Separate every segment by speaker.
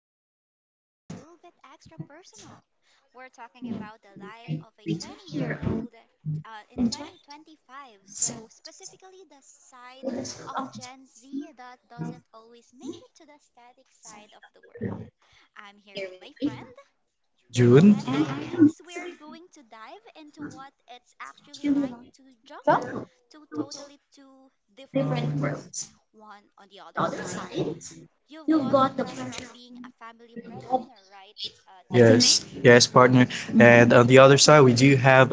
Speaker 1: today's episode is a little bit extra personal. We're talking about the life of a 20-year-old in 2025. So, specifically, the side of Gen Z that doesn't always make it to the static side of the world. I'm here with my friend.
Speaker 2: June.
Speaker 1: And I am next. We are going to dive into what it's actually like to jungle two different worlds. One on the other side, you've got the pressure of being a family breadwinner, right, teammate?
Speaker 2: Yes, yes, partner. And on the other
Speaker 1: Hmm.
Speaker 2: side, we do have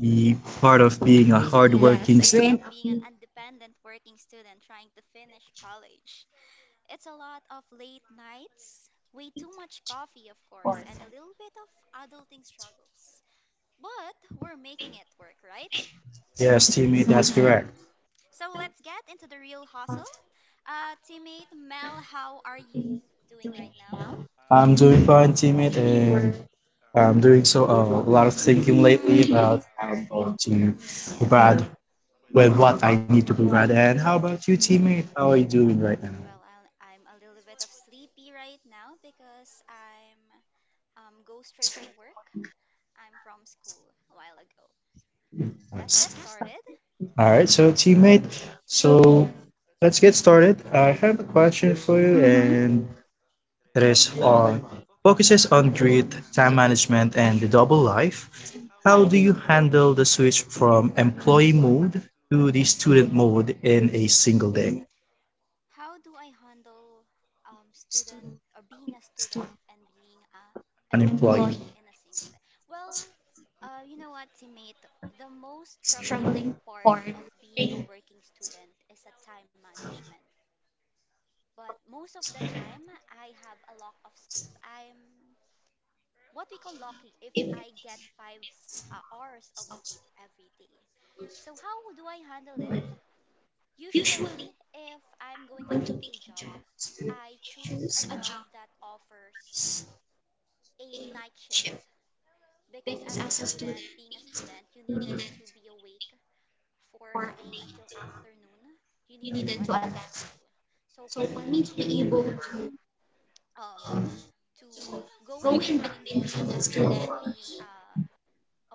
Speaker 2: the part of being a
Speaker 1: Yes, a
Speaker 2: hardworking. Yes,
Speaker 1: grind of
Speaker 2: Grant.
Speaker 1: being an independent working student trying to finish college. It's a lot of late nights, way too much coffee, of course, and a little bit of adulting struggles. But we're making it work, right?
Speaker 2: Yes, teammate,
Speaker 1: Mm-hmm.
Speaker 2: that's correct.
Speaker 1: So let's get into the real hustle. Teammate Mel, how are you doing right now?
Speaker 2: I'm doing fine, teammate, and I'm doing so a lot of thinking lately
Speaker 1: Mm-hmm.
Speaker 2: about how I'm going to
Speaker 1: Yes.
Speaker 2: provide with what I need to provide. And how about you, teammate? How are you doing right now?
Speaker 1: Well, I'm a little bit of sleepy right now because I'm go straight to work. I'm from school a while ago. Let's get
Speaker 2: Yes.
Speaker 1: started.
Speaker 2: All right, so teammate, so let's get started. I have a question for you,
Speaker 1: Mm-hmm.
Speaker 2: and Rest-All focuses on grit, time management, and the double life.
Speaker 1: Mhm.
Speaker 2: How do you handle the switch from employee mode to the student mode in a single day?
Speaker 1: How do I handle student or being a student and being a
Speaker 2: An
Speaker 1: Unemployed.
Speaker 2: employee.
Speaker 1: Employee in a single day? Well, you know what, teammate? The most struggling part of being a working student is a time management. But most of the time, I have a lot of sleep. I'm what we call lucky if I get five hours of sleep every day. So how do I handle it? Usually, if I'm going to pick a job, I choose a job that offers a night shift because as a student, being a student, you needed to be awake for a day until afternoon. You needed to attend school. So for me to be able to um to go in between being a student and being a,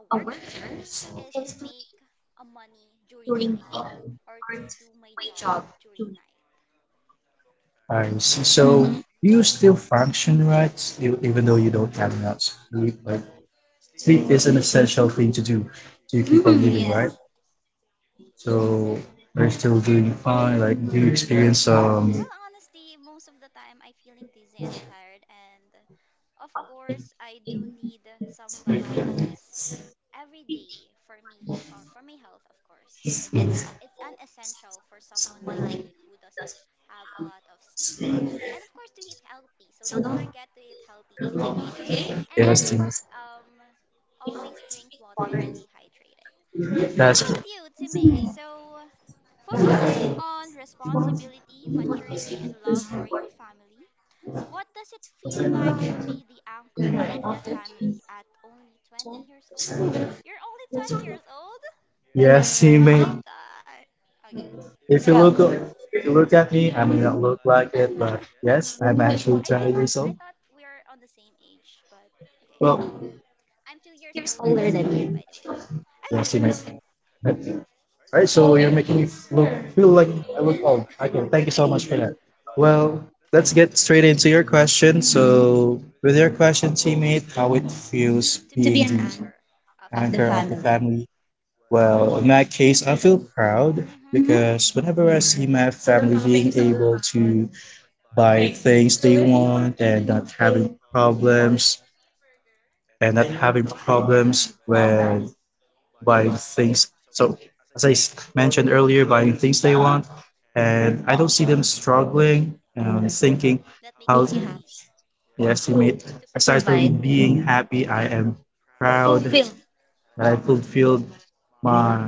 Speaker 1: a worker is to make a money during night or to do my job during night.
Speaker 2: I see. So
Speaker 1: Mm-hmm.
Speaker 2: do you still function right, still, even though you don't have enough sleep? Like sleep is an essential thing to do to keep on
Speaker 1: Mm-hmm,
Speaker 2: living,
Speaker 1: yes.
Speaker 2: right? So we're still doing fine. Like do you experience some
Speaker 1: Well, honestly, most of the time I feeling dizzy and tired and of course I do need some vitamins every day for me or for my health, of course. It's an essential for someone like me who doesn't have a lot of sleep. And of course to eat healthy. So don't forget to eat healthy, teammate, okay? And of
Speaker 2: yes,
Speaker 1: course, always drink water and stay hydrated. How about you, teammate? So, focusing on responsibility, maturity, and love for your family, what does it feel like to be the anchor of your family at only 20 years old? You're only 20 years old?
Speaker 2: yes,
Speaker 1: Oh my
Speaker 2: teammate.
Speaker 1: god. Okay,
Speaker 2: If you.
Speaker 1: go.
Speaker 2: Yeah. Look, if you look at me, I
Speaker 1: Hmm.
Speaker 2: may
Speaker 1: Mhm.
Speaker 2: not look like it, but yes, I'm actually
Speaker 1: I
Speaker 2: 20
Speaker 1: thought
Speaker 2: years
Speaker 1: old.
Speaker 2: old.
Speaker 1: I thought we are on the same age, but okay.
Speaker 2: Well,
Speaker 1: I'm 2 years older than you, by the way.
Speaker 2: we'll
Speaker 1: Yes.
Speaker 2: see.
Speaker 1: Okay, go. Thank
Speaker 2: Alright, so you're making me look, feel like I look old. Okay, thank you so much
Speaker 1: that.
Speaker 2: for that. Well, let's get straight into your question. So, with your question, teammate, how it feels to be, being an, the of
Speaker 1: Anchor.
Speaker 2: the anchor of the family. Family? Well, in that case, I feel proud
Speaker 1: Hmm.
Speaker 2: because whenever I see my family being able to buy things they want and not having problems and not having problems
Speaker 1: Hmm.
Speaker 2: when buying things. So as mentioned earlier, buying things they want, and I don't see them struggling and thinking how. Yes, you made.
Speaker 1: To.
Speaker 2: Aside from being happy, I am proud that I fulfilled my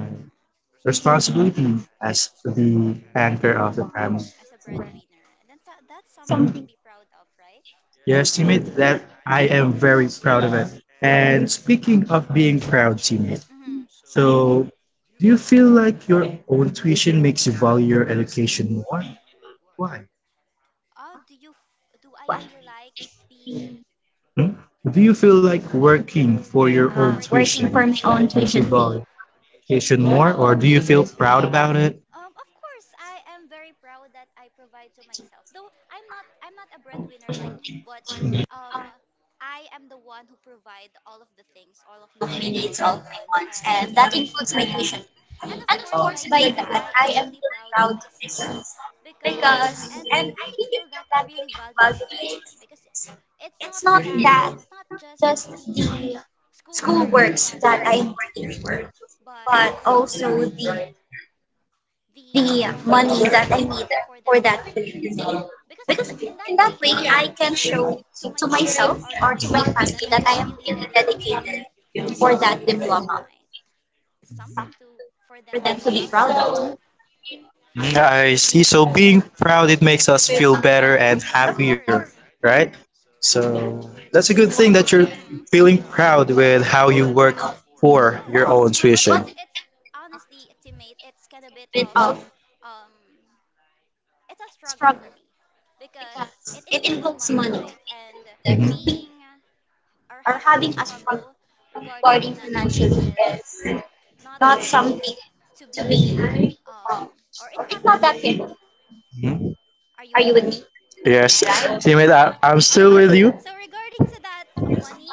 Speaker 2: responsibility as the anchor of the family.
Speaker 1: Mm, as a breadwinner. And that's something
Speaker 2: Mhm.
Speaker 1: to be proud of, right?
Speaker 2: Yes, teammate, that I am very proud of it. And speaking of being proud, teammate,
Speaker 1: Hmm.
Speaker 2: so do you feel like your own tuition makes you value your education more? Why?
Speaker 1: Do I feel like being?
Speaker 2: Hmm? Do you feel like working for your own
Speaker 1: Working for
Speaker 2: tuition
Speaker 1: my
Speaker 2: makes you
Speaker 1: own
Speaker 2: value
Speaker 1: tuition fee.
Speaker 2: education
Speaker 1: Outvalues.
Speaker 2: more, or do you feel proud about it?
Speaker 1: Of course, I am very proud that I provide to myself. Though I'm not a breadwinner like you, but um, I am the one who provide all of the things, all of my needs, all of my wants, and that includes my tuition fee. And of course, by that, I am really proud to myself because, and I really feel that I really value my education because it's not just the school works that I am working for, but also the money that I need for that tuition fee. Because in that way I can show to myself or to my family that I am really dedicated for that diploma of mine. Something to for them to be proud of to me.
Speaker 2: I see. So being proud, it makes us feel
Speaker 1: Mhm.
Speaker 2: better
Speaker 1: Yes,
Speaker 2: and
Speaker 1: of course.
Speaker 2: happier, right? So that's a good thing that you're
Speaker 1: Hmm.
Speaker 2: feeling proud with how you work for your
Speaker 1: Yes,
Speaker 2: own
Speaker 1: but
Speaker 2: tuition.
Speaker 1: it's honestly, teammate, it's kind of bit of um, it's a struggle for me because it involves money, right? And
Speaker 2: Mhm.
Speaker 1: being or having a struggle regarding financially is not something to be, um, or it's not that simple.
Speaker 2: Mhm.
Speaker 1: Are you with me?
Speaker 2: Yes,
Speaker 1: Right? Same as I,
Speaker 2: Simit,
Speaker 1: I'm
Speaker 2: I'm
Speaker 1: still
Speaker 2: still
Speaker 1: okay.
Speaker 2: with you.
Speaker 1: So regarding to that money,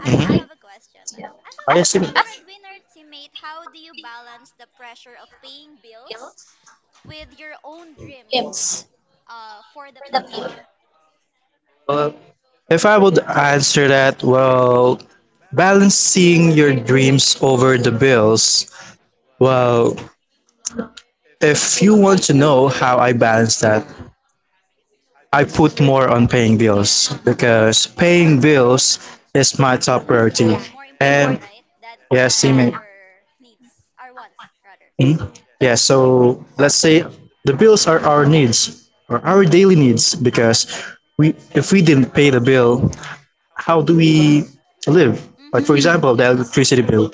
Speaker 1: I do have a question. As a
Speaker 2: Oh, yes,
Speaker 1: as a
Speaker 2: Simit.
Speaker 1: breadwinner teammate, how do you balance the pressure of paying bills with your own dreams for the future?
Speaker 2: Well, if I would answer that, well, balancing your dreams over the bills. Well,
Speaker 1: If you
Speaker 2: if you
Speaker 1: were to
Speaker 2: want to
Speaker 1: know
Speaker 2: know
Speaker 1: how I
Speaker 2: how I
Speaker 1: balance that,
Speaker 2: balance that,
Speaker 1: Mm-hmm.
Speaker 2: I put more on paying
Speaker 1: Uh-huh.
Speaker 2: bills
Speaker 1: Because
Speaker 2: because
Speaker 1: paying, that's great,
Speaker 2: paying
Speaker 1: bills
Speaker 2: bills
Speaker 1: is my
Speaker 2: is my
Speaker 1: top
Speaker 2: top
Speaker 1: priority. Yeah,
Speaker 2: priority.
Speaker 1: it's more and important,
Speaker 2: And
Speaker 1: right? That
Speaker 2: yes,
Speaker 1: that
Speaker 2: teammate.
Speaker 1: our needs, our wants rather.
Speaker 2: Hmm?
Speaker 1: For
Speaker 2: Yeah, so let's say the bills are our needs or our daily needs because we, if we didn't pay the bill, how do we live? Like
Speaker 1: Mm-hmm.
Speaker 2: for
Speaker 1: example, the
Speaker 2: example, the
Speaker 1: electricity
Speaker 2: electricity
Speaker 1: bill,
Speaker 2: bill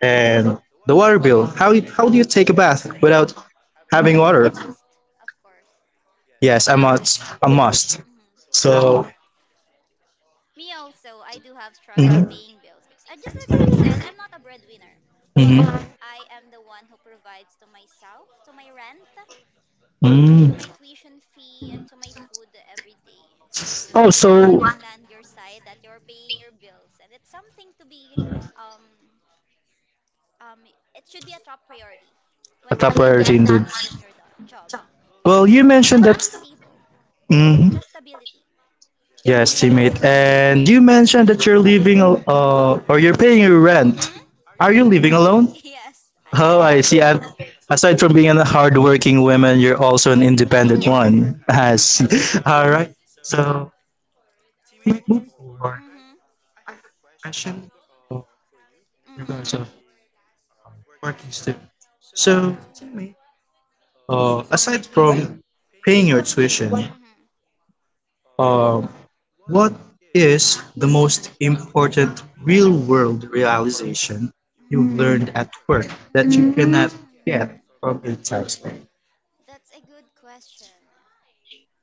Speaker 2: and the water bill. How do you take a bath without
Speaker 1: having
Speaker 2: having
Speaker 1: water, it's a
Speaker 2: water?
Speaker 1: must, of course.
Speaker 2: Yes, a must. A must.
Speaker 1: Mhm.
Speaker 2: So.
Speaker 1: Me also, I do have struggles
Speaker 2: Mhm,
Speaker 1: paying bills because I just like I've said, I'm not a breadwinner,
Speaker 2: mhm,
Speaker 1: but I am the one who provides to myself, to my rent, to
Speaker 2: mm.
Speaker 1: my tuition fee, and to my food every day. So
Speaker 2: Oh,
Speaker 1: I do
Speaker 2: so
Speaker 1: understand your side that you're paying your bills, and it's something to be, um, um, it should be a top priority
Speaker 2: a
Speaker 1: when you
Speaker 2: top
Speaker 1: get
Speaker 2: priority
Speaker 1: that
Speaker 2: indeed.
Speaker 1: money from your job
Speaker 2: Well, you
Speaker 1: for
Speaker 2: mentioned
Speaker 1: us to
Speaker 2: that.
Speaker 1: be stable. It's
Speaker 2: Hmm?
Speaker 1: a stability.
Speaker 2: Yes, teammate. And you mentioned that you're living, or you're paying your rent.
Speaker 1: Mm-hmm.
Speaker 2: Are you living alone?
Speaker 1: Yes.
Speaker 2: Oh, I see. And aside from being a hardworking woman, you're also an independent one. I see. All right. So, teammate, moving forward, I have a question in regards of working students. So, teammate, aside from paying your tuition,
Speaker 1: Mm-hmm.
Speaker 2: Uh, what is the most important real world realization you learned at work that you cannot get from the textbook?
Speaker 1: That's a good question.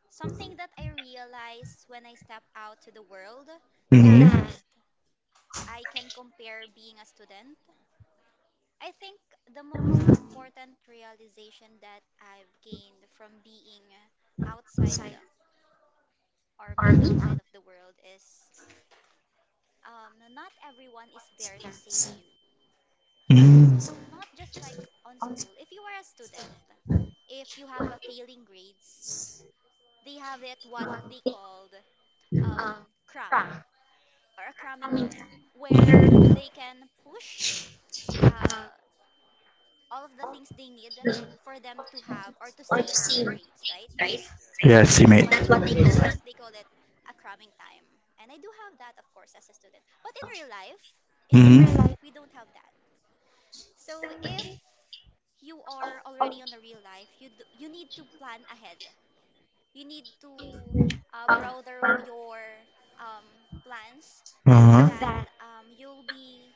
Speaker 1: Something that I realized when I stepped out to the world
Speaker 2: Mm-hmm.
Speaker 1: that I can compare being a student. I think the most important realization that I've gained from being outside or being outside of the world is, not everyone is there to save you.
Speaker 2: Mm-hmm.
Speaker 1: So, not just like on school, if you are a student, if you have a failing grades, they have it what they called, um, cram or a cramming time where they can push uh, all of the things they need for them to have or to save their grades, right?
Speaker 2: Yes,
Speaker 1: That's
Speaker 2: teammate.
Speaker 1: what they call, or student, they call it a cramming time. And I do have that, of course, as a student. But in real life,
Speaker 2: Mm-hmm.
Speaker 1: we don't have that. So if you are already on the real life, you need to plan ahead. You need to broader your, um, plans so
Speaker 2: Uh-huh.
Speaker 1: that you'll be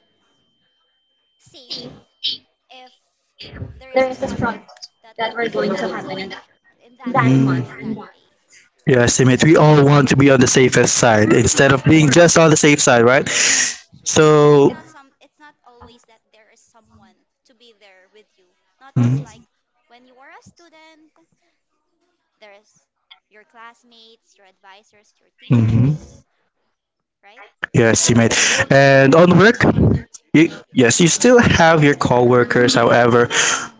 Speaker 1: safe if there is a struggle that we're going to happen in the future, in that month or in that
Speaker 2: Mm.
Speaker 1: day.
Speaker 2: Yes, teammate. We all want to be on the safest side
Speaker 1: Hmm, of
Speaker 2: instead of being
Speaker 1: course.
Speaker 2: just on the safe side, right?
Speaker 1: Hmm. It's
Speaker 2: So.
Speaker 1: not some. It's not always that there is someone to be there with you. Not just
Speaker 2: Mm-hmm.
Speaker 1: like when you were a student, there is your classmates, your advisors, your
Speaker 2: Mm-hmm.
Speaker 1: teachers, right?
Speaker 2: Yes, teammate. And on work, you, yes, you still have your
Speaker 1: Hmm.
Speaker 2: coworkers. However,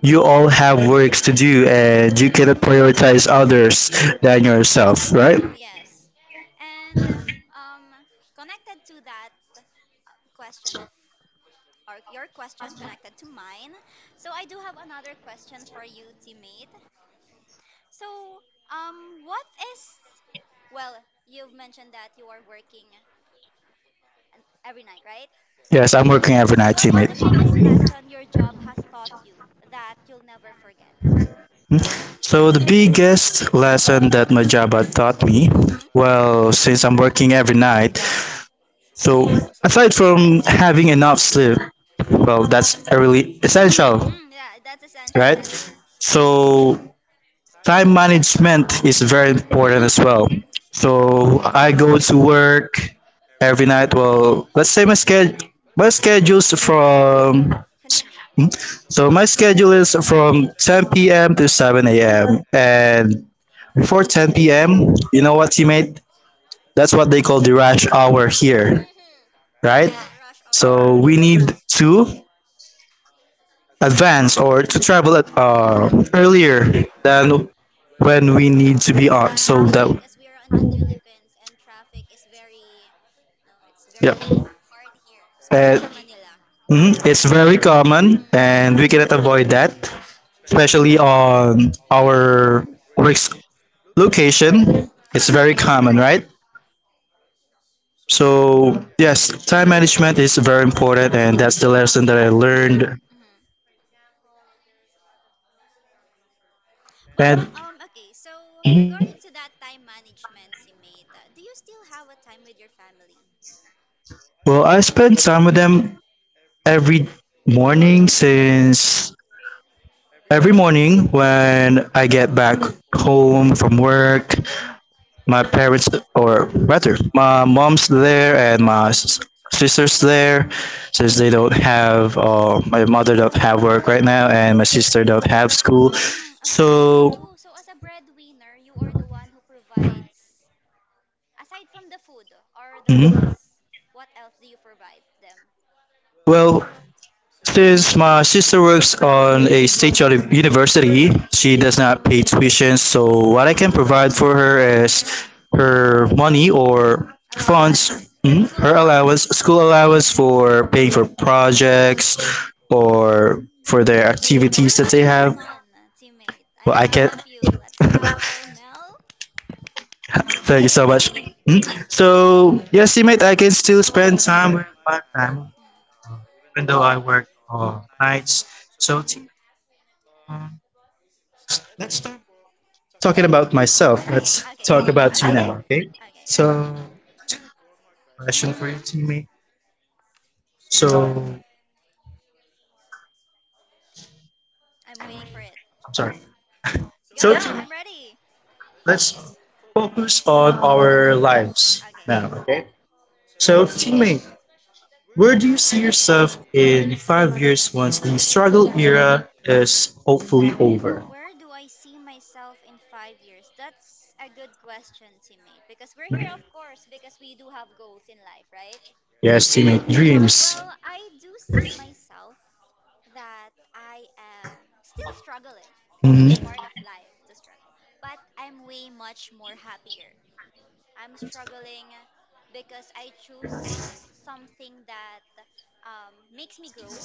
Speaker 2: you all have works to do, and you cannot prioritize others than yourself, right?
Speaker 1: Hmm, yes. And um, connected to that question of or your question connected to mine. So I do have another question for you, teammate. So, what is, well, you've mentioned that you are working every night, right?
Speaker 2: Yes, I'm working every
Speaker 1: So
Speaker 2: night,
Speaker 1: what is
Speaker 2: teammate.
Speaker 1: the biggest lesson your job has taught you that you'll never forget?
Speaker 2: So the biggest lesson that my job had taught me,
Speaker 1: Mm-hmm.
Speaker 2: well, since I'm working every night, so aside from having enough sleep, well, that's a really
Speaker 1: Mm-hmm.
Speaker 2: essential,
Speaker 1: Mm, yeah, that's essential.
Speaker 2: right? So time management is very important as
Speaker 1: Mm-hmm.
Speaker 2: well. So I go to work every night. Well, let's say my schedule's
Speaker 1: But this
Speaker 2: from,
Speaker 1: okay, continue.
Speaker 2: so my schedule is from 10 p.m. to 7 a.m. And before 10 p.m., you know what, teammate? That's what they call the rush hour here,
Speaker 1: Mm-hmm. Yeah,
Speaker 2: right?
Speaker 1: the rush hour.
Speaker 2: So we need to advance or to travel at,
Speaker 1: Mm. Mm.
Speaker 2: earlier than when we need to be
Speaker 1: The
Speaker 2: on. So
Speaker 1: traffic
Speaker 2: that,
Speaker 1: because we are in the Philippines and traffic is very, no, it's very
Speaker 2: yeah.
Speaker 1: hard here,
Speaker 2: Uh,
Speaker 1: especially in Manila.
Speaker 2: mm, it's very
Speaker 1: Mhm.
Speaker 2: common and we
Speaker 1: And
Speaker 2: cannot avoid that, especially on our work's
Speaker 1: Mhm.
Speaker 2: location.
Speaker 1: Ah,
Speaker 2: It's very
Speaker 1: yes.
Speaker 2: common, right? So, yes, time management is very important, and that's the lesson that I learned.
Speaker 1: Mhm. But
Speaker 2: And
Speaker 1: okay, so regarding to that time management teammate, do you still have a time with your family?
Speaker 2: well, I spend time with them every morning since every morning when I get
Speaker 1: Mhm.
Speaker 2: back home from work,
Speaker 1: Mm-hmm.
Speaker 2: my parents or rather my mom's there and sister's there since they don't have my mother don't have work right now and my sister don't have school
Speaker 1: Mm, okay. So,
Speaker 2: so
Speaker 1: Oh, so as a breadwinner, you are the one who provides, aside from the food or the
Speaker 2: mhm.
Speaker 1: bills, what else do you provide them?
Speaker 2: Well, since my sister works on a university,
Speaker 1: Okay.
Speaker 2: she does not pay tuition, so what I can provide for her is her money or
Speaker 1: Allowance.
Speaker 2: funds, mhm,
Speaker 1: School
Speaker 2: her allowance,
Speaker 1: allowance.
Speaker 2: school allowance for paying for projects
Speaker 1: Mm-hmm.
Speaker 2: or for their
Speaker 1: You're
Speaker 2: activities
Speaker 1: such
Speaker 2: that
Speaker 1: a
Speaker 2: they
Speaker 1: good
Speaker 2: have.
Speaker 1: son, teammate.
Speaker 2: Well,
Speaker 1: I'm
Speaker 2: I
Speaker 1: proud
Speaker 2: can.
Speaker 1: of you. Let's clap for Mel.
Speaker 2: Thank
Speaker 1: Okay,
Speaker 2: you so much.
Speaker 1: continue.
Speaker 2: Mhm. So, yes, teammate, I can still spend time with my family, even though I work nights. So, um, let's start talking about myself,
Speaker 1: Okay,
Speaker 2: let's
Speaker 1: okay,
Speaker 2: talk about you
Speaker 1: okay,
Speaker 2: now, okay?
Speaker 1: okay.
Speaker 2: So, question for
Speaker 1: Mm-hmm.
Speaker 2: you, teammate. So,
Speaker 1: I'm waiting for it.
Speaker 2: I'm sorry. So,
Speaker 1: Go,
Speaker 2: teammate,
Speaker 1: I'm ready.
Speaker 2: let's focus on our lives
Speaker 1: Okay.
Speaker 2: now, okay? So, teammate, where do you see yourself in 5 years once the struggle era is hopefully over?
Speaker 1: Where do I see myself in 5 years? That's a good question, teammate. Because we're here, of course, because we do have goals in life, right?
Speaker 2: Yes, teammate, dreams.
Speaker 1: Well, I do see myself that I am still struggling.
Speaker 2: Hmm.
Speaker 1: It's part of life to struggle. But I'm way much more happier I'm struggling because I choose something that, makes me grow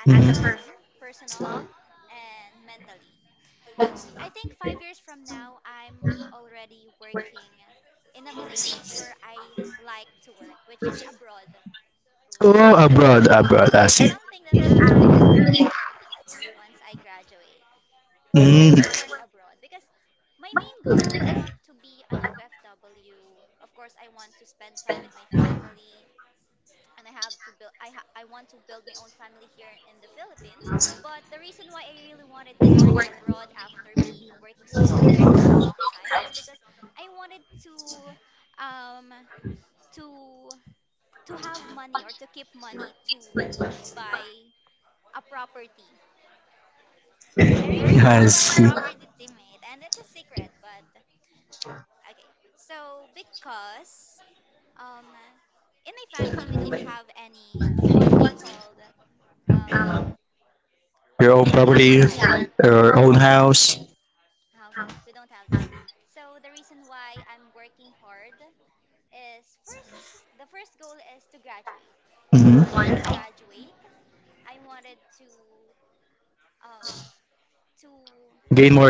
Speaker 1: as a person, personal and mentally. I think 5 years from now, I'm already working in a place where I like to work, which is abroad. So,
Speaker 2: Oh,
Speaker 1: yeah,
Speaker 2: abroad, abroad, I
Speaker 1: it's
Speaker 2: see.
Speaker 1: something that I'm looking forward once I graduate.
Speaker 2: Mm,
Speaker 1: To work abroad because my main goal is not to be an OFW. Of course, I want to spend time with my family and I want to build my own family here in the Philippines. But the reason why I really wanted to work abroad after being a working student for such a long time is because I wanted to um to to have money or to keep money to buy a property. I really want
Speaker 2: I
Speaker 1: to buy a
Speaker 2: see.
Speaker 1: property, teammate, and it's a secret, but okay. So because um in my family we don't have any what they called, um
Speaker 2: Your own
Speaker 1: a house and
Speaker 2: property,
Speaker 1: yeah, a house
Speaker 2: your
Speaker 1: and
Speaker 2: own
Speaker 1: lot.
Speaker 2: house.
Speaker 1: A house and lot. We don't have that. So the reason why I'm working hard is first the first goal is to graduate.
Speaker 2: Mhm.
Speaker 1: Once I graduate, I wanted to um to
Speaker 2: Gain more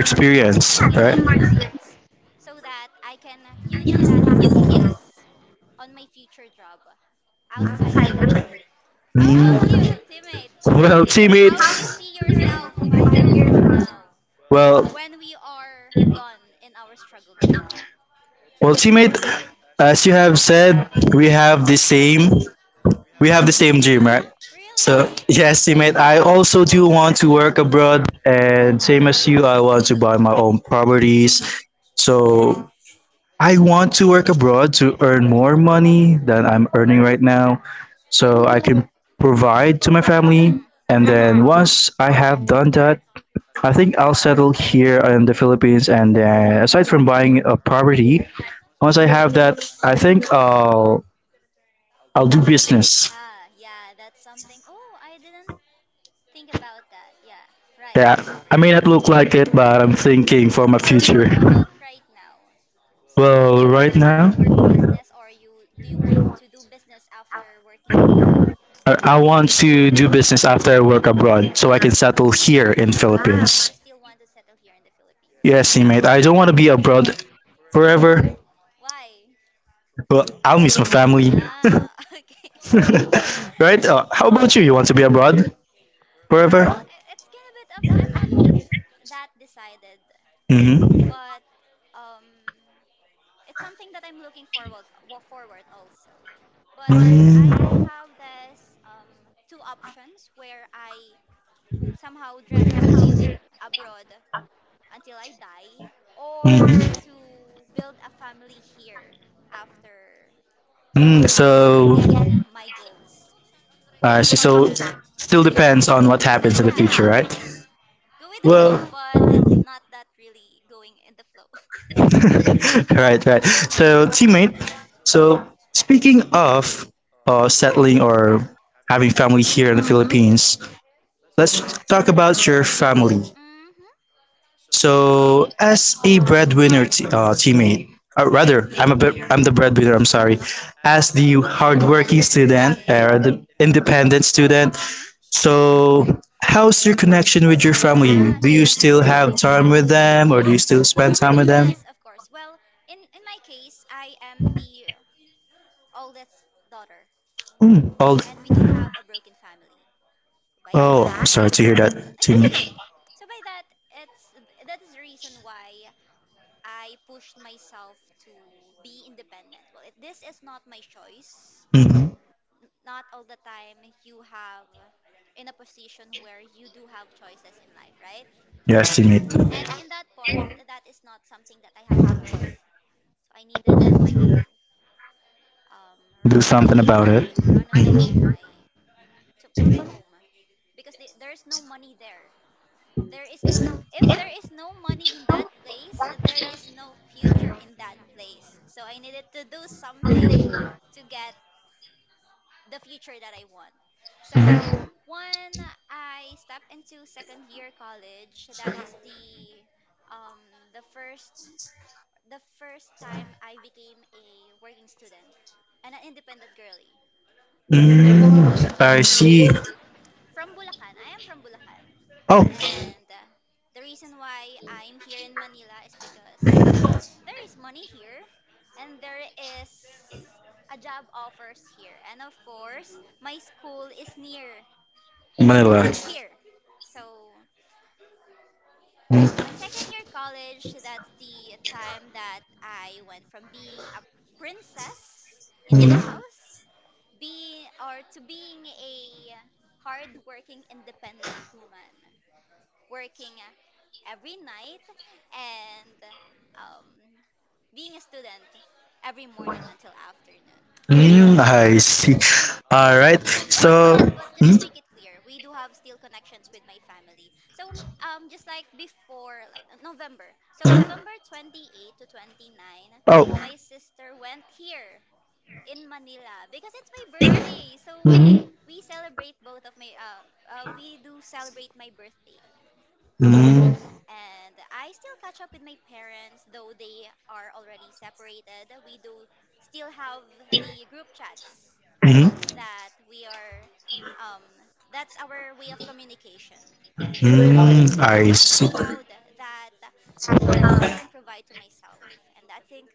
Speaker 1: yeah,
Speaker 2: experience,
Speaker 1: to gain
Speaker 2: right?
Speaker 1: more experience so that I can use that skills on my future job outside the country. How
Speaker 2: Mm.
Speaker 1: about you, teammate?
Speaker 2: Well, teammate,
Speaker 1: How do you see yourself 5 years from now
Speaker 2: well,
Speaker 1: when we are done in our struggled era?
Speaker 2: well, teammate, as you have said, we have the same, we have the same
Speaker 1: Mm.
Speaker 2: dream,
Speaker 1: Mm,
Speaker 2: right?
Speaker 1: really?
Speaker 2: So, yes, teammate, I also do want to work abroad, and same as you, I
Speaker 1: Uh-huh.
Speaker 2: want to buy my
Speaker 1: Properties.
Speaker 2: own
Speaker 1: Mm-hmm.
Speaker 2: properties. So, I want to work abroad to earn more money than I'm earning right now so I can provide to my family.
Speaker 1: Mm-hmm.
Speaker 2: And then once I have done that, I think I'll settle here in the Philippines. And then aside from buying a property, once I have that, I think I'll do business.
Speaker 1: Ah, yeah, that's something. Oh, I didn't think about that. Yeah, right.
Speaker 2: Yeah, I may not look like it, but I'm thinking for my
Speaker 1: So you're how
Speaker 2: future.
Speaker 1: about right now? So you
Speaker 2: Well,
Speaker 1: are
Speaker 2: right
Speaker 1: planning
Speaker 2: now,
Speaker 1: to do business, or you do you want to do business after working abroad?
Speaker 2: I want to do business after I work abroad so I can settle
Speaker 1: Ah.
Speaker 2: here in
Speaker 1: Ah, but
Speaker 2: Philippines.
Speaker 1: you still want to settle here in the Philippines
Speaker 2: Yes,
Speaker 1: after
Speaker 2: teammate.
Speaker 1: that.
Speaker 2: I don't want to be abroad forever,
Speaker 1: Why?
Speaker 2: but I'll miss my family.
Speaker 1: Ah, okay.
Speaker 2: Right? How about you? You want to be abroad
Speaker 1: Well,
Speaker 2: forever?
Speaker 1: it's kind of bit of I'm not that decided,
Speaker 2: Mm-hmm.
Speaker 1: but um it's something that I'm looking forward forward also. But I
Speaker 2: Mm-hmm.
Speaker 1: have this two options where I somehow dreamt to live abroad until I die, or to build a family here after
Speaker 2: Mm,
Speaker 1: um,
Speaker 2: so,
Speaker 1: getting my goals
Speaker 2: I see.
Speaker 1: for my
Speaker 2: So,
Speaker 1: family.
Speaker 2: still depends on what happens in the
Speaker 1: Yeah,
Speaker 2: future, right?
Speaker 1: yeah. Go with the
Speaker 2: Well,
Speaker 1: flow, but not that really going in the flow.
Speaker 2: right, right. So, teammate. So, speaking of settling or having family here in the
Speaker 1: Mm-hmm.
Speaker 2: Philippines, let's talk about your family.
Speaker 1: Mm-hmm.
Speaker 2: So, as a teammate, or rather, I'm a bit, I'm the breadwinner. I'm
Speaker 1: Uh huh.
Speaker 2: sorry. As the hardworking
Speaker 1: Independent.
Speaker 2: student
Speaker 1: Okay. Yeah,
Speaker 2: or the independent student,
Speaker 1: mm-hmm, do.
Speaker 2: so how's your connection with your family?
Speaker 1: Ah, do
Speaker 2: Do you still
Speaker 1: connections with my
Speaker 2: have time
Speaker 1: family.
Speaker 2: with
Speaker 1: Or
Speaker 2: them, or do you
Speaker 1: yes.
Speaker 2: still spend time with them?
Speaker 1: Yes, of course. Well, in my case, I am the oldest daughter,
Speaker 2: Mm, all,
Speaker 1: and we do have a broken family. By
Speaker 2: oh,
Speaker 1: that,
Speaker 2: sorry to hear that,
Speaker 1: it's okay. It's
Speaker 2: teammate.
Speaker 1: okay. So by that, it's that is the reason why I pushed myself to be independent. Well, this is not my choice.
Speaker 2: Hmm.
Speaker 1: Not all the time you have in a position where you do have choices in life, right?
Speaker 2: Yes, teammate.
Speaker 1: And in that part, that is not something that I have choice. So I needed to um, run
Speaker 2: Do
Speaker 1: away.
Speaker 2: something about
Speaker 1: Yeah,
Speaker 2: it.
Speaker 1: run away from my home because there is no money there. There is no If there is no money in that place, there is no future in that place. So I needed to do something to get the future that I want. So when I step into second year college, that is um, the first the first time I became a working student and an independent girly.
Speaker 2: Mm, I
Speaker 1: So
Speaker 2: see.
Speaker 1: from Bulacan, I am from Bulacan,
Speaker 2: Oh,
Speaker 1: and the reason why I'm here in Manila is because there is money here and there is a job offers here, and of course my school is near
Speaker 2: Manila.
Speaker 1: here. So, on my second year college, that's the time that I went from being a princess in the
Speaker 2: Mm-hmm.
Speaker 1: house be or to being a hardworking independent woman working every night and um, being a student every morning until afternoon.
Speaker 2: Mm, I see. All right.
Speaker 1: But
Speaker 2: So,
Speaker 1: but but just to
Speaker 2: mm,
Speaker 1: make it clear, we do have still connections with my family. So just like before, like November. So November 28th to 29,
Speaker 2: oh,
Speaker 1: my sister went here in Manila because it's my birthday. So
Speaker 2: mm,
Speaker 1: we celebrate both of my uh, we do celebrate my birthday. And
Speaker 2: mm,
Speaker 1: and I still catch up with my parents, though they are already separated. We do still have the group chats
Speaker 2: mm,
Speaker 1: that we are um, that's our way of communication.
Speaker 2: mm,
Speaker 1: But
Speaker 2: I
Speaker 1: I am
Speaker 2: see.
Speaker 1: proud that I can provide to myself, and I think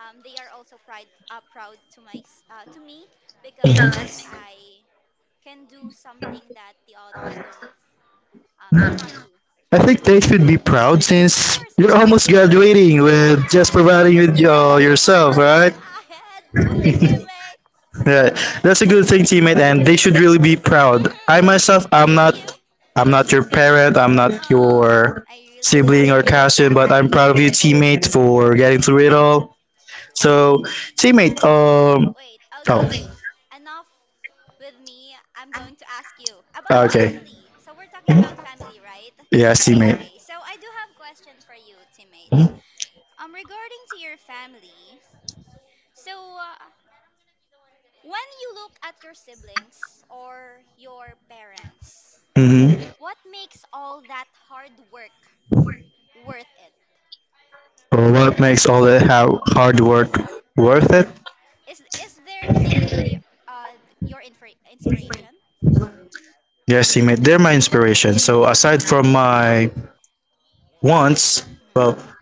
Speaker 1: they are also proud to my to me because
Speaker 2: Mhm.
Speaker 1: I can do something that the others don't cannot do.
Speaker 2: I think they should be proud
Speaker 1: Of
Speaker 2: since
Speaker 1: course,
Speaker 2: you're
Speaker 1: I
Speaker 2: almost graduating with just
Speaker 1: yes,
Speaker 2: providing with
Speaker 1: just one
Speaker 2: yourself,
Speaker 1: step
Speaker 2: right?
Speaker 1: ahead, teammate.
Speaker 2: Right. That's a good thing, teammate, and they should really be proud. I
Speaker 1: Hmm.
Speaker 2: myself,
Speaker 1: Thank you.
Speaker 2: I'm not your parent, I'm not
Speaker 1: Oh,
Speaker 2: your
Speaker 1: I really do
Speaker 2: sibling or
Speaker 1: appreciate
Speaker 2: cousin,
Speaker 1: that.
Speaker 2: but I'm proud of you, teammate, for getting through it all.
Speaker 1: Mhm.
Speaker 2: So, teammate,
Speaker 1: Wait, okay.
Speaker 2: oh,
Speaker 1: Enough with me. I'm going to ask you about the
Speaker 2: okay,
Speaker 1: family. So we're talking about family, right?
Speaker 2: yeah, teammate.
Speaker 1: Okay. So I do have a question for you, teammates. Regarding to your family. So when you look at your siblings or your parents,
Speaker 2: Mm-hmm.
Speaker 1: what makes all that hard work worth it?
Speaker 2: What makes all the how hard work
Speaker 1: Mhm.
Speaker 2: worth it?
Speaker 1: Is there they uh your inspiration?
Speaker 2: Yes, teammate, they're my
Speaker 1: Mhm.
Speaker 2: inspiration.
Speaker 1: Mhm.
Speaker 2: So, aside from my wants, well,
Speaker 1: Mhm.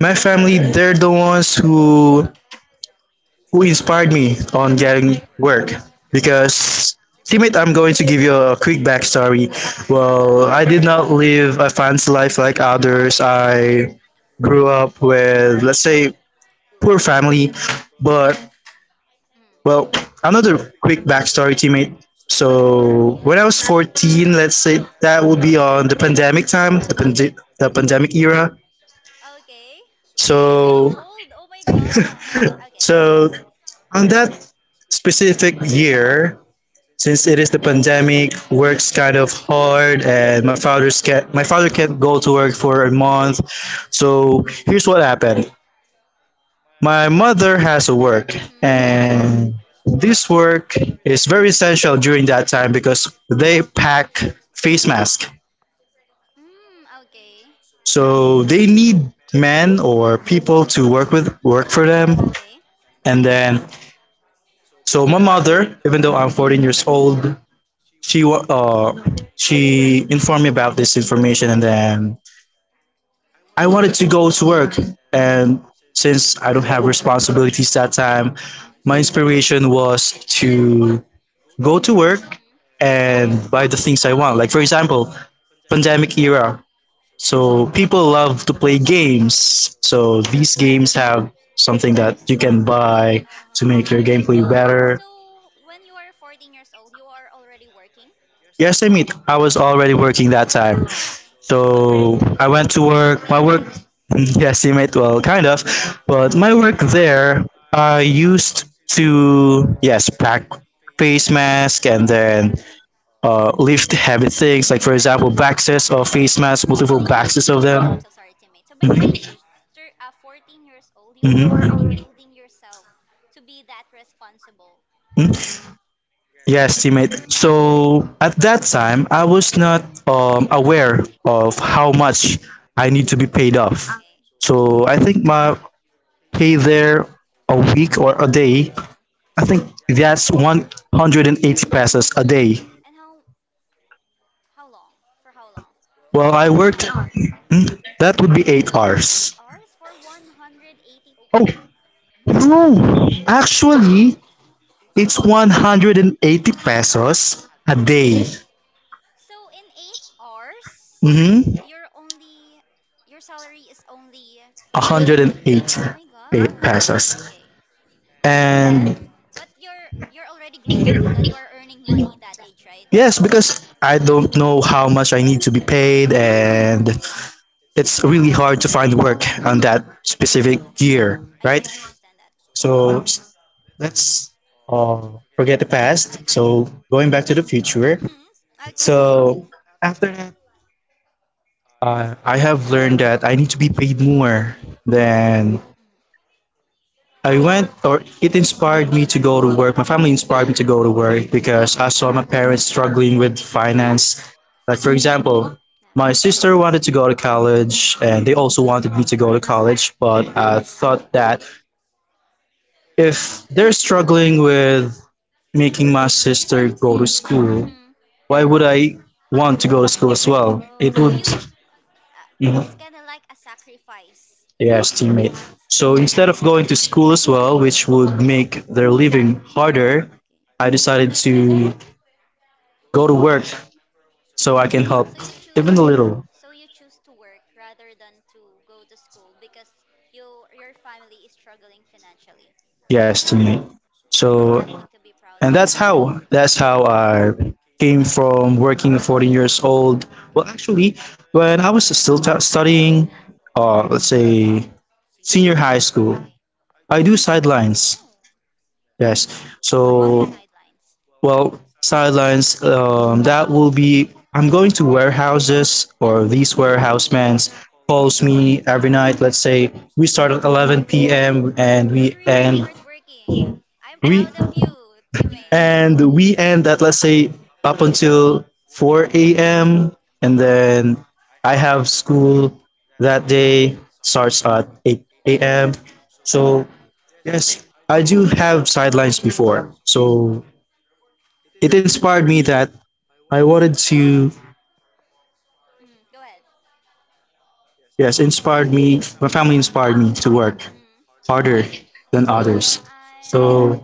Speaker 2: my family, they're the ones who inspired me on
Speaker 1: Uh-huh.
Speaker 2: getting work. Because,
Speaker 1: Uh-huh.
Speaker 2: teammate, I'm going to give you a quick backstory.
Speaker 1: Okay, go
Speaker 2: Well, I
Speaker 1: ahead.
Speaker 2: did not live a fancy life like
Speaker 1: All
Speaker 2: others.
Speaker 1: ears on you.
Speaker 2: I grew up with, let's say, poor family. But
Speaker 1: Mm.
Speaker 2: well, another quick backstory, teammate. So when I was 14, let's say that would be on the pandemic time,
Speaker 1: Okay,
Speaker 2: the pandemic era.
Speaker 1: okay. I feel
Speaker 2: So
Speaker 1: old. Oh my god. Okay, go.
Speaker 2: so on that specific year, since it is the pandemic,
Speaker 1: Mm-hmm.
Speaker 2: work's kind of hard, and
Speaker 1: Mm-hmm.
Speaker 2: my father can't go to work for a month. So here's what happened. My mother has a work,
Speaker 1: Mm-hmm.
Speaker 2: and this work is very essential during that time because they pack face mask.
Speaker 1: Mm, okay.
Speaker 2: So they need men or people to work with work for them.
Speaker 1: Okay.
Speaker 2: And then, so my mother, even though I'm 14 years
Speaker 1: Mm.
Speaker 2: old, she uh she informed me about this information, and then I wanted to go to work. And since I don't have responsibilities that time,
Speaker 1: Mm-hmm.
Speaker 2: my inspiration was to go to work and buy the things I want. Like for example,
Speaker 1: Mm-hmm.
Speaker 2: pandemic era. So people love to play
Speaker 1: Okay.
Speaker 2: games. So these games have something that you can buy
Speaker 1: Uh
Speaker 2: to
Speaker 1: huh.
Speaker 2: make your
Speaker 1: So,
Speaker 2: gameplay better.
Speaker 1: so when you are 14 years old, you are already working?
Speaker 2: Yes, I mean I was already working that time.
Speaker 1: Oh,
Speaker 2: So I went to
Speaker 1: that's
Speaker 2: work. My work,
Speaker 1: amazing.
Speaker 2: yes, you mate, well, kind of, but my work there, I used to yes pack face
Speaker 1: Okay.
Speaker 2: mask and then lift heavy things, like for example, boxes or face masks,
Speaker 1: So by
Speaker 2: multiple
Speaker 1: the age
Speaker 2: boxes of
Speaker 1: of, I'm
Speaker 2: them.
Speaker 1: so sorry, teammate. So by the age
Speaker 2: Mm-hmm.
Speaker 1: of 14 years old, you are already
Speaker 2: Mm-hmm.
Speaker 1: building yourself to be that responsible.
Speaker 2: hmm Yes, teammate. So at that time, I was not aware of how much I need to be paid off.
Speaker 1: Okay.
Speaker 2: So I think my pay there a week or a day,
Speaker 1: Mm.
Speaker 2: I think that's 180 pesos a day.
Speaker 1: And how long? For how long?
Speaker 2: Well,
Speaker 1: How
Speaker 2: I
Speaker 1: many
Speaker 2: worked.
Speaker 1: hours?
Speaker 2: Hmm? That would be eight
Speaker 1: 8
Speaker 2: hours.
Speaker 1: hours for 180.
Speaker 2: Oh, no. Actually, it's 180 pesos a day.
Speaker 1: So in 8 hours,
Speaker 2: Mm-hmm.
Speaker 1: your only your salary is only ranging.
Speaker 2: 180
Speaker 1: Oh my god.
Speaker 2: pesos.
Speaker 1: Okay. And then,
Speaker 2: And
Speaker 1: but you're already grateful that you are earning money that age, right?
Speaker 2: yes, because I don't know how much I need to be paid,
Speaker 1: Mm. Mhm.
Speaker 2: and it's really hard to find work
Speaker 1: Mhm.
Speaker 2: on that specific
Speaker 1: Mhm.
Speaker 2: year,
Speaker 1: I do
Speaker 2: right?
Speaker 1: understand that.
Speaker 2: So Let's uh, forget the past.
Speaker 1: Okay.
Speaker 2: So going back to the future.
Speaker 1: Mhm. Okay.
Speaker 2: So after that, I have learned that I need to be paid more than I went, or it inspired me to go to work. My family inspired me to go to work because I saw my parents struggling with finance. Like,
Speaker 1: Mhm.
Speaker 2: for example, my
Speaker 1: Yeah.
Speaker 2: sister wanted to go to college,
Speaker 1: Mhm.
Speaker 2: and they also wanted me to go to college. But I thought that if they're struggling with making my sister go to school,
Speaker 1: Mhm.
Speaker 2: why would I want to go to school as well?
Speaker 1: Oh,
Speaker 2: It
Speaker 1: so
Speaker 2: would.
Speaker 1: you
Speaker 2: Mhm.
Speaker 1: it's kind of like a sacrifice.
Speaker 2: Yes, teammate. So instead of going to school as well, which would make their living harder,
Speaker 1: Okay.
Speaker 2: I decided to go to work
Speaker 1: Mhm.
Speaker 2: so I can help
Speaker 1: So you
Speaker 2: even a
Speaker 1: choose
Speaker 2: little.
Speaker 1: so you choose to work rather than to go to school because you your family is struggling financially.
Speaker 2: Yes, teammate.
Speaker 1: That's
Speaker 2: So
Speaker 1: something to be proud
Speaker 2: and
Speaker 1: of.
Speaker 2: that's how that's how I came from working 14 years old.
Speaker 1: Ah,
Speaker 2: Well,
Speaker 1: okay.
Speaker 2: actually, when I was still studying, let's say senior high school,
Speaker 1: Okay.
Speaker 2: I do
Speaker 1: Okay.
Speaker 2: sidelines.
Speaker 1: Oh.
Speaker 2: Yes.
Speaker 1: What kind of
Speaker 2: So
Speaker 1: sidelines?
Speaker 2: well, sidelines, that will be, I'm going to warehouses, or these warehouse mans calls me every night. Let's say we start at 11 p.m. and
Speaker 1: You're
Speaker 2: we
Speaker 1: really a
Speaker 2: end,
Speaker 1: hardworking. I'm
Speaker 2: we
Speaker 1: proud of you, teammate.
Speaker 2: and we end at, let's say, up until 4 a.m., and then I have school that day, starts at 8 a.m. So yes, I do have sidelines before, so it inspired me that I wanted to,
Speaker 1: Mm, go ahead.
Speaker 2: yes, inspired me, my family inspired me to work
Speaker 1: Mm.
Speaker 2: harder than
Speaker 1: Well,
Speaker 2: others.
Speaker 1: I'm
Speaker 2: So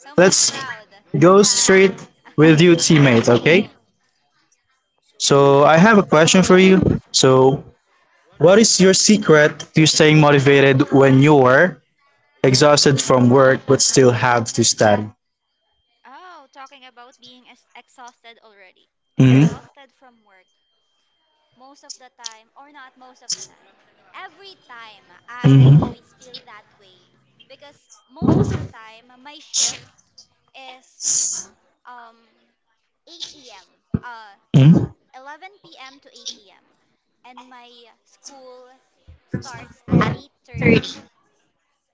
Speaker 1: so much
Speaker 2: let's
Speaker 1: proud
Speaker 2: go
Speaker 1: that.
Speaker 2: straight
Speaker 1: Okay.
Speaker 2: with you, teammate,
Speaker 1: Okay,
Speaker 2: okay?
Speaker 1: go.
Speaker 2: So I have a question for you.
Speaker 1: Mm-hmm.
Speaker 2: So, what is your secret to staying motivated when you're exhausted from work but still have to study?
Speaker 1: Oh, talking about being exhausted already.
Speaker 2: Hmm
Speaker 1: Exhausted from work most of the time, or not most of the time. Every time, I
Speaker 2: hmm
Speaker 1: always feel that way because most of the time, my shift is um 8 a.m. Uh,
Speaker 2: hmm
Speaker 1: 11 p.m. to 8 a.m., and my school starts at 8:30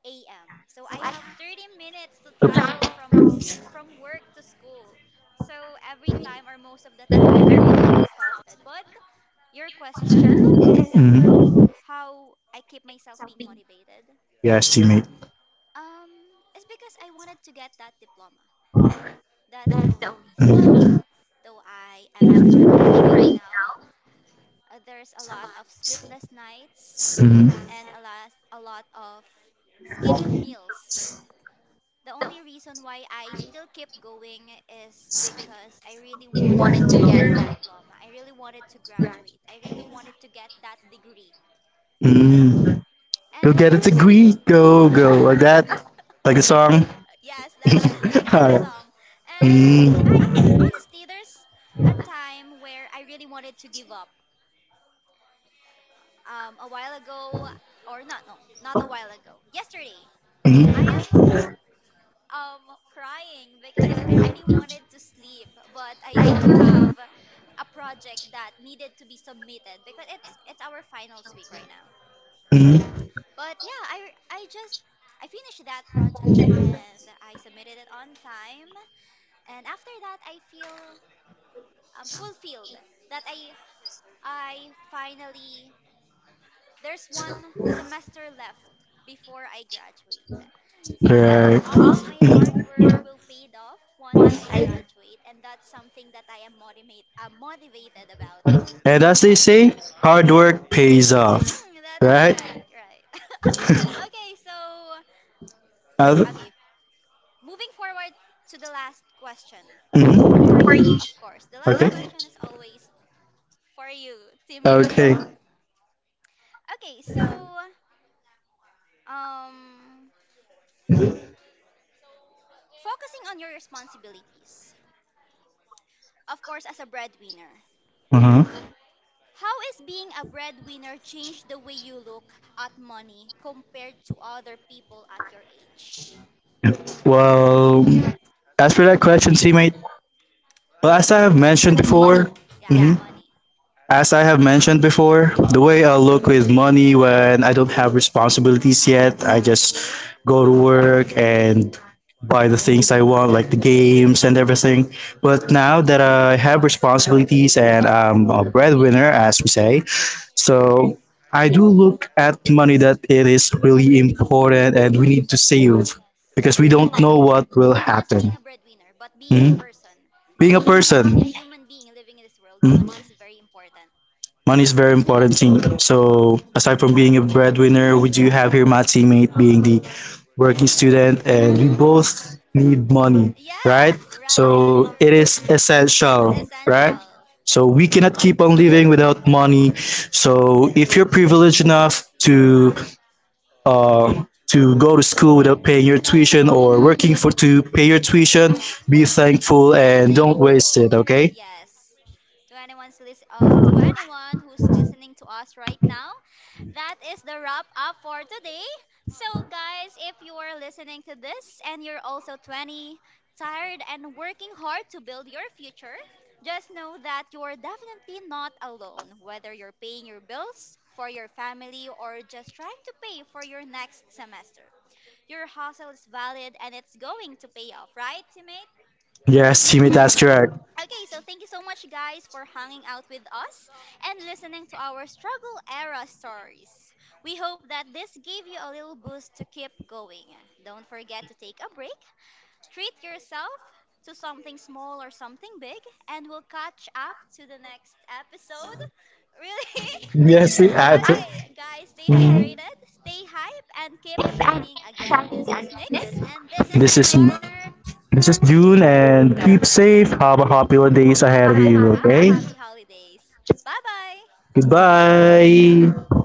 Speaker 1: a.m. So I have 30 minutes to travel from work to school. So every time, or most of the time, I really feel exhausted. But your question is
Speaker 2: hmm
Speaker 1: how I keep myself being motivated.
Speaker 2: Yes, teammate.
Speaker 1: Um it's because I wanted to get that diploma. That's the only reason.
Speaker 2: Hmm
Speaker 1: Though I am struggling right now, there's a lot of sleepless nights
Speaker 2: hmm
Speaker 1: and a lot of skipped meals. The only reason why I still keep going is because I really wanted to get that diploma. I really wanted to graduate. I really wanted to get that degree.
Speaker 2: hmm Go
Speaker 1: And
Speaker 2: get a
Speaker 1: there's
Speaker 2: degree, go go like that, like the song.
Speaker 1: yes, that like that
Speaker 2: Alright.
Speaker 1: song. And I
Speaker 2: Mm,
Speaker 1: honestly, there's a time where I really wanted to give up. A while ago, or not, no, not a while ago. Yesterday, I am
Speaker 2: mm,
Speaker 1: crying because I really wanted to sleep, but I do have a project that needed to be submitted because it's our finals week right now.
Speaker 2: mm.
Speaker 1: But yeah, I just I finished that project and I submitted it on time. And after that, I feel fulfilled that I finally— there's one semester left before I graduate. So
Speaker 2: Right.
Speaker 1: all of my hard
Speaker 2: Mm.
Speaker 1: work will paid off once I graduate, and that's something that I am motivated about.
Speaker 2: And as they say, hard work pays off.
Speaker 1: Mhm, that's
Speaker 2: Right?
Speaker 1: correct, right. Okay, so
Speaker 2: Uh,
Speaker 1: okay, moving forward to the last question for
Speaker 2: mm.
Speaker 1: you, of course. The last
Speaker 2: Okay.
Speaker 1: question is always for you, teammate.
Speaker 2: Okay.
Speaker 1: Okay, so um focusing on your responsibilities. Of course, as a breadwinner,
Speaker 2: Uh-huh.
Speaker 1: how is being a breadwinner changed the way you look at money compared to other people at your age?
Speaker 2: Well, as for that question, teammate, well, as I have mentioned
Speaker 1: Mm. Money.
Speaker 2: before,
Speaker 1: Yeah,
Speaker 2: mhm,
Speaker 1: money.
Speaker 2: as I have mentioned before, the way I look with money when I don't have responsibilities
Speaker 1: Mhm.
Speaker 2: yet, I just go to work and buy the things I want, like the games and everything. But now that I have responsibilities and I'm a breadwinner, as we say, so I do look at money that it is really important and
Speaker 1: Mhm.
Speaker 2: we
Speaker 1: Mhm.
Speaker 2: need to save
Speaker 1: Yes,
Speaker 2: because we
Speaker 1: in
Speaker 2: don't
Speaker 1: life.
Speaker 2: know what will
Speaker 1: Not just being
Speaker 2: happen.
Speaker 1: a breadwinner, but being a
Speaker 2: Mhm.
Speaker 1: person,
Speaker 2: Being a
Speaker 1: being being a
Speaker 2: person,
Speaker 1: human being living in this world,
Speaker 2: mhm.
Speaker 1: money is very important.
Speaker 2: Money is very important thing. So aside from being a breadwinner, we do have here my teammate being the working student, and we
Speaker 1: Mhm.
Speaker 2: both need money, right?
Speaker 1: Yes, right, that's
Speaker 2: So it is
Speaker 1: correct. It's
Speaker 2: essential, right?
Speaker 1: essential.
Speaker 2: So we cannot keep on living without money. So if you're privileged enough uh, to go to school without paying your tuition or
Speaker 1: Mm-hmm.
Speaker 2: working for to pay your tuition,
Speaker 1: Mm-hmm.
Speaker 2: be thankful
Speaker 1: Be
Speaker 2: and don't
Speaker 1: thankful.
Speaker 2: waste it. Okay?
Speaker 1: Yes. To anyone who's listening to us right now, that is the wrap up for today. So, guys, if you are listening to this and you're also 20, tired and working hard to build your future, just know that you are definitely not alone, whether you're paying your bills for your family or just trying to pay for your next semester. Your hustle is valid and it's going to pay off, right, teammate?
Speaker 2: Yes, teammate,
Speaker 1: Mm-hmm.
Speaker 2: that's correct.
Speaker 1: Okay, so thank you so much, guys, for hanging out with us and listening to our struggle era stories. We hope that this gave you a little boost to keep going. Don't forget to take a break. Treat yourself to something small or something big, and we'll catch up to the next episode. Really?
Speaker 2: I,
Speaker 1: Okay, guys, stay
Speaker 2: mm-hmm.
Speaker 1: hydrated, stay hype, and keep shining. Again, this is Nyx, and this is
Speaker 2: This
Speaker 1: my
Speaker 2: is
Speaker 1: partner.
Speaker 2: June, and keep safe. Have a happy days ahead
Speaker 1: Happy,
Speaker 2: of
Speaker 1: happy,
Speaker 2: you,
Speaker 1: have a
Speaker 2: okay?
Speaker 1: happy holidays. Bye bye.
Speaker 2: Goodbye.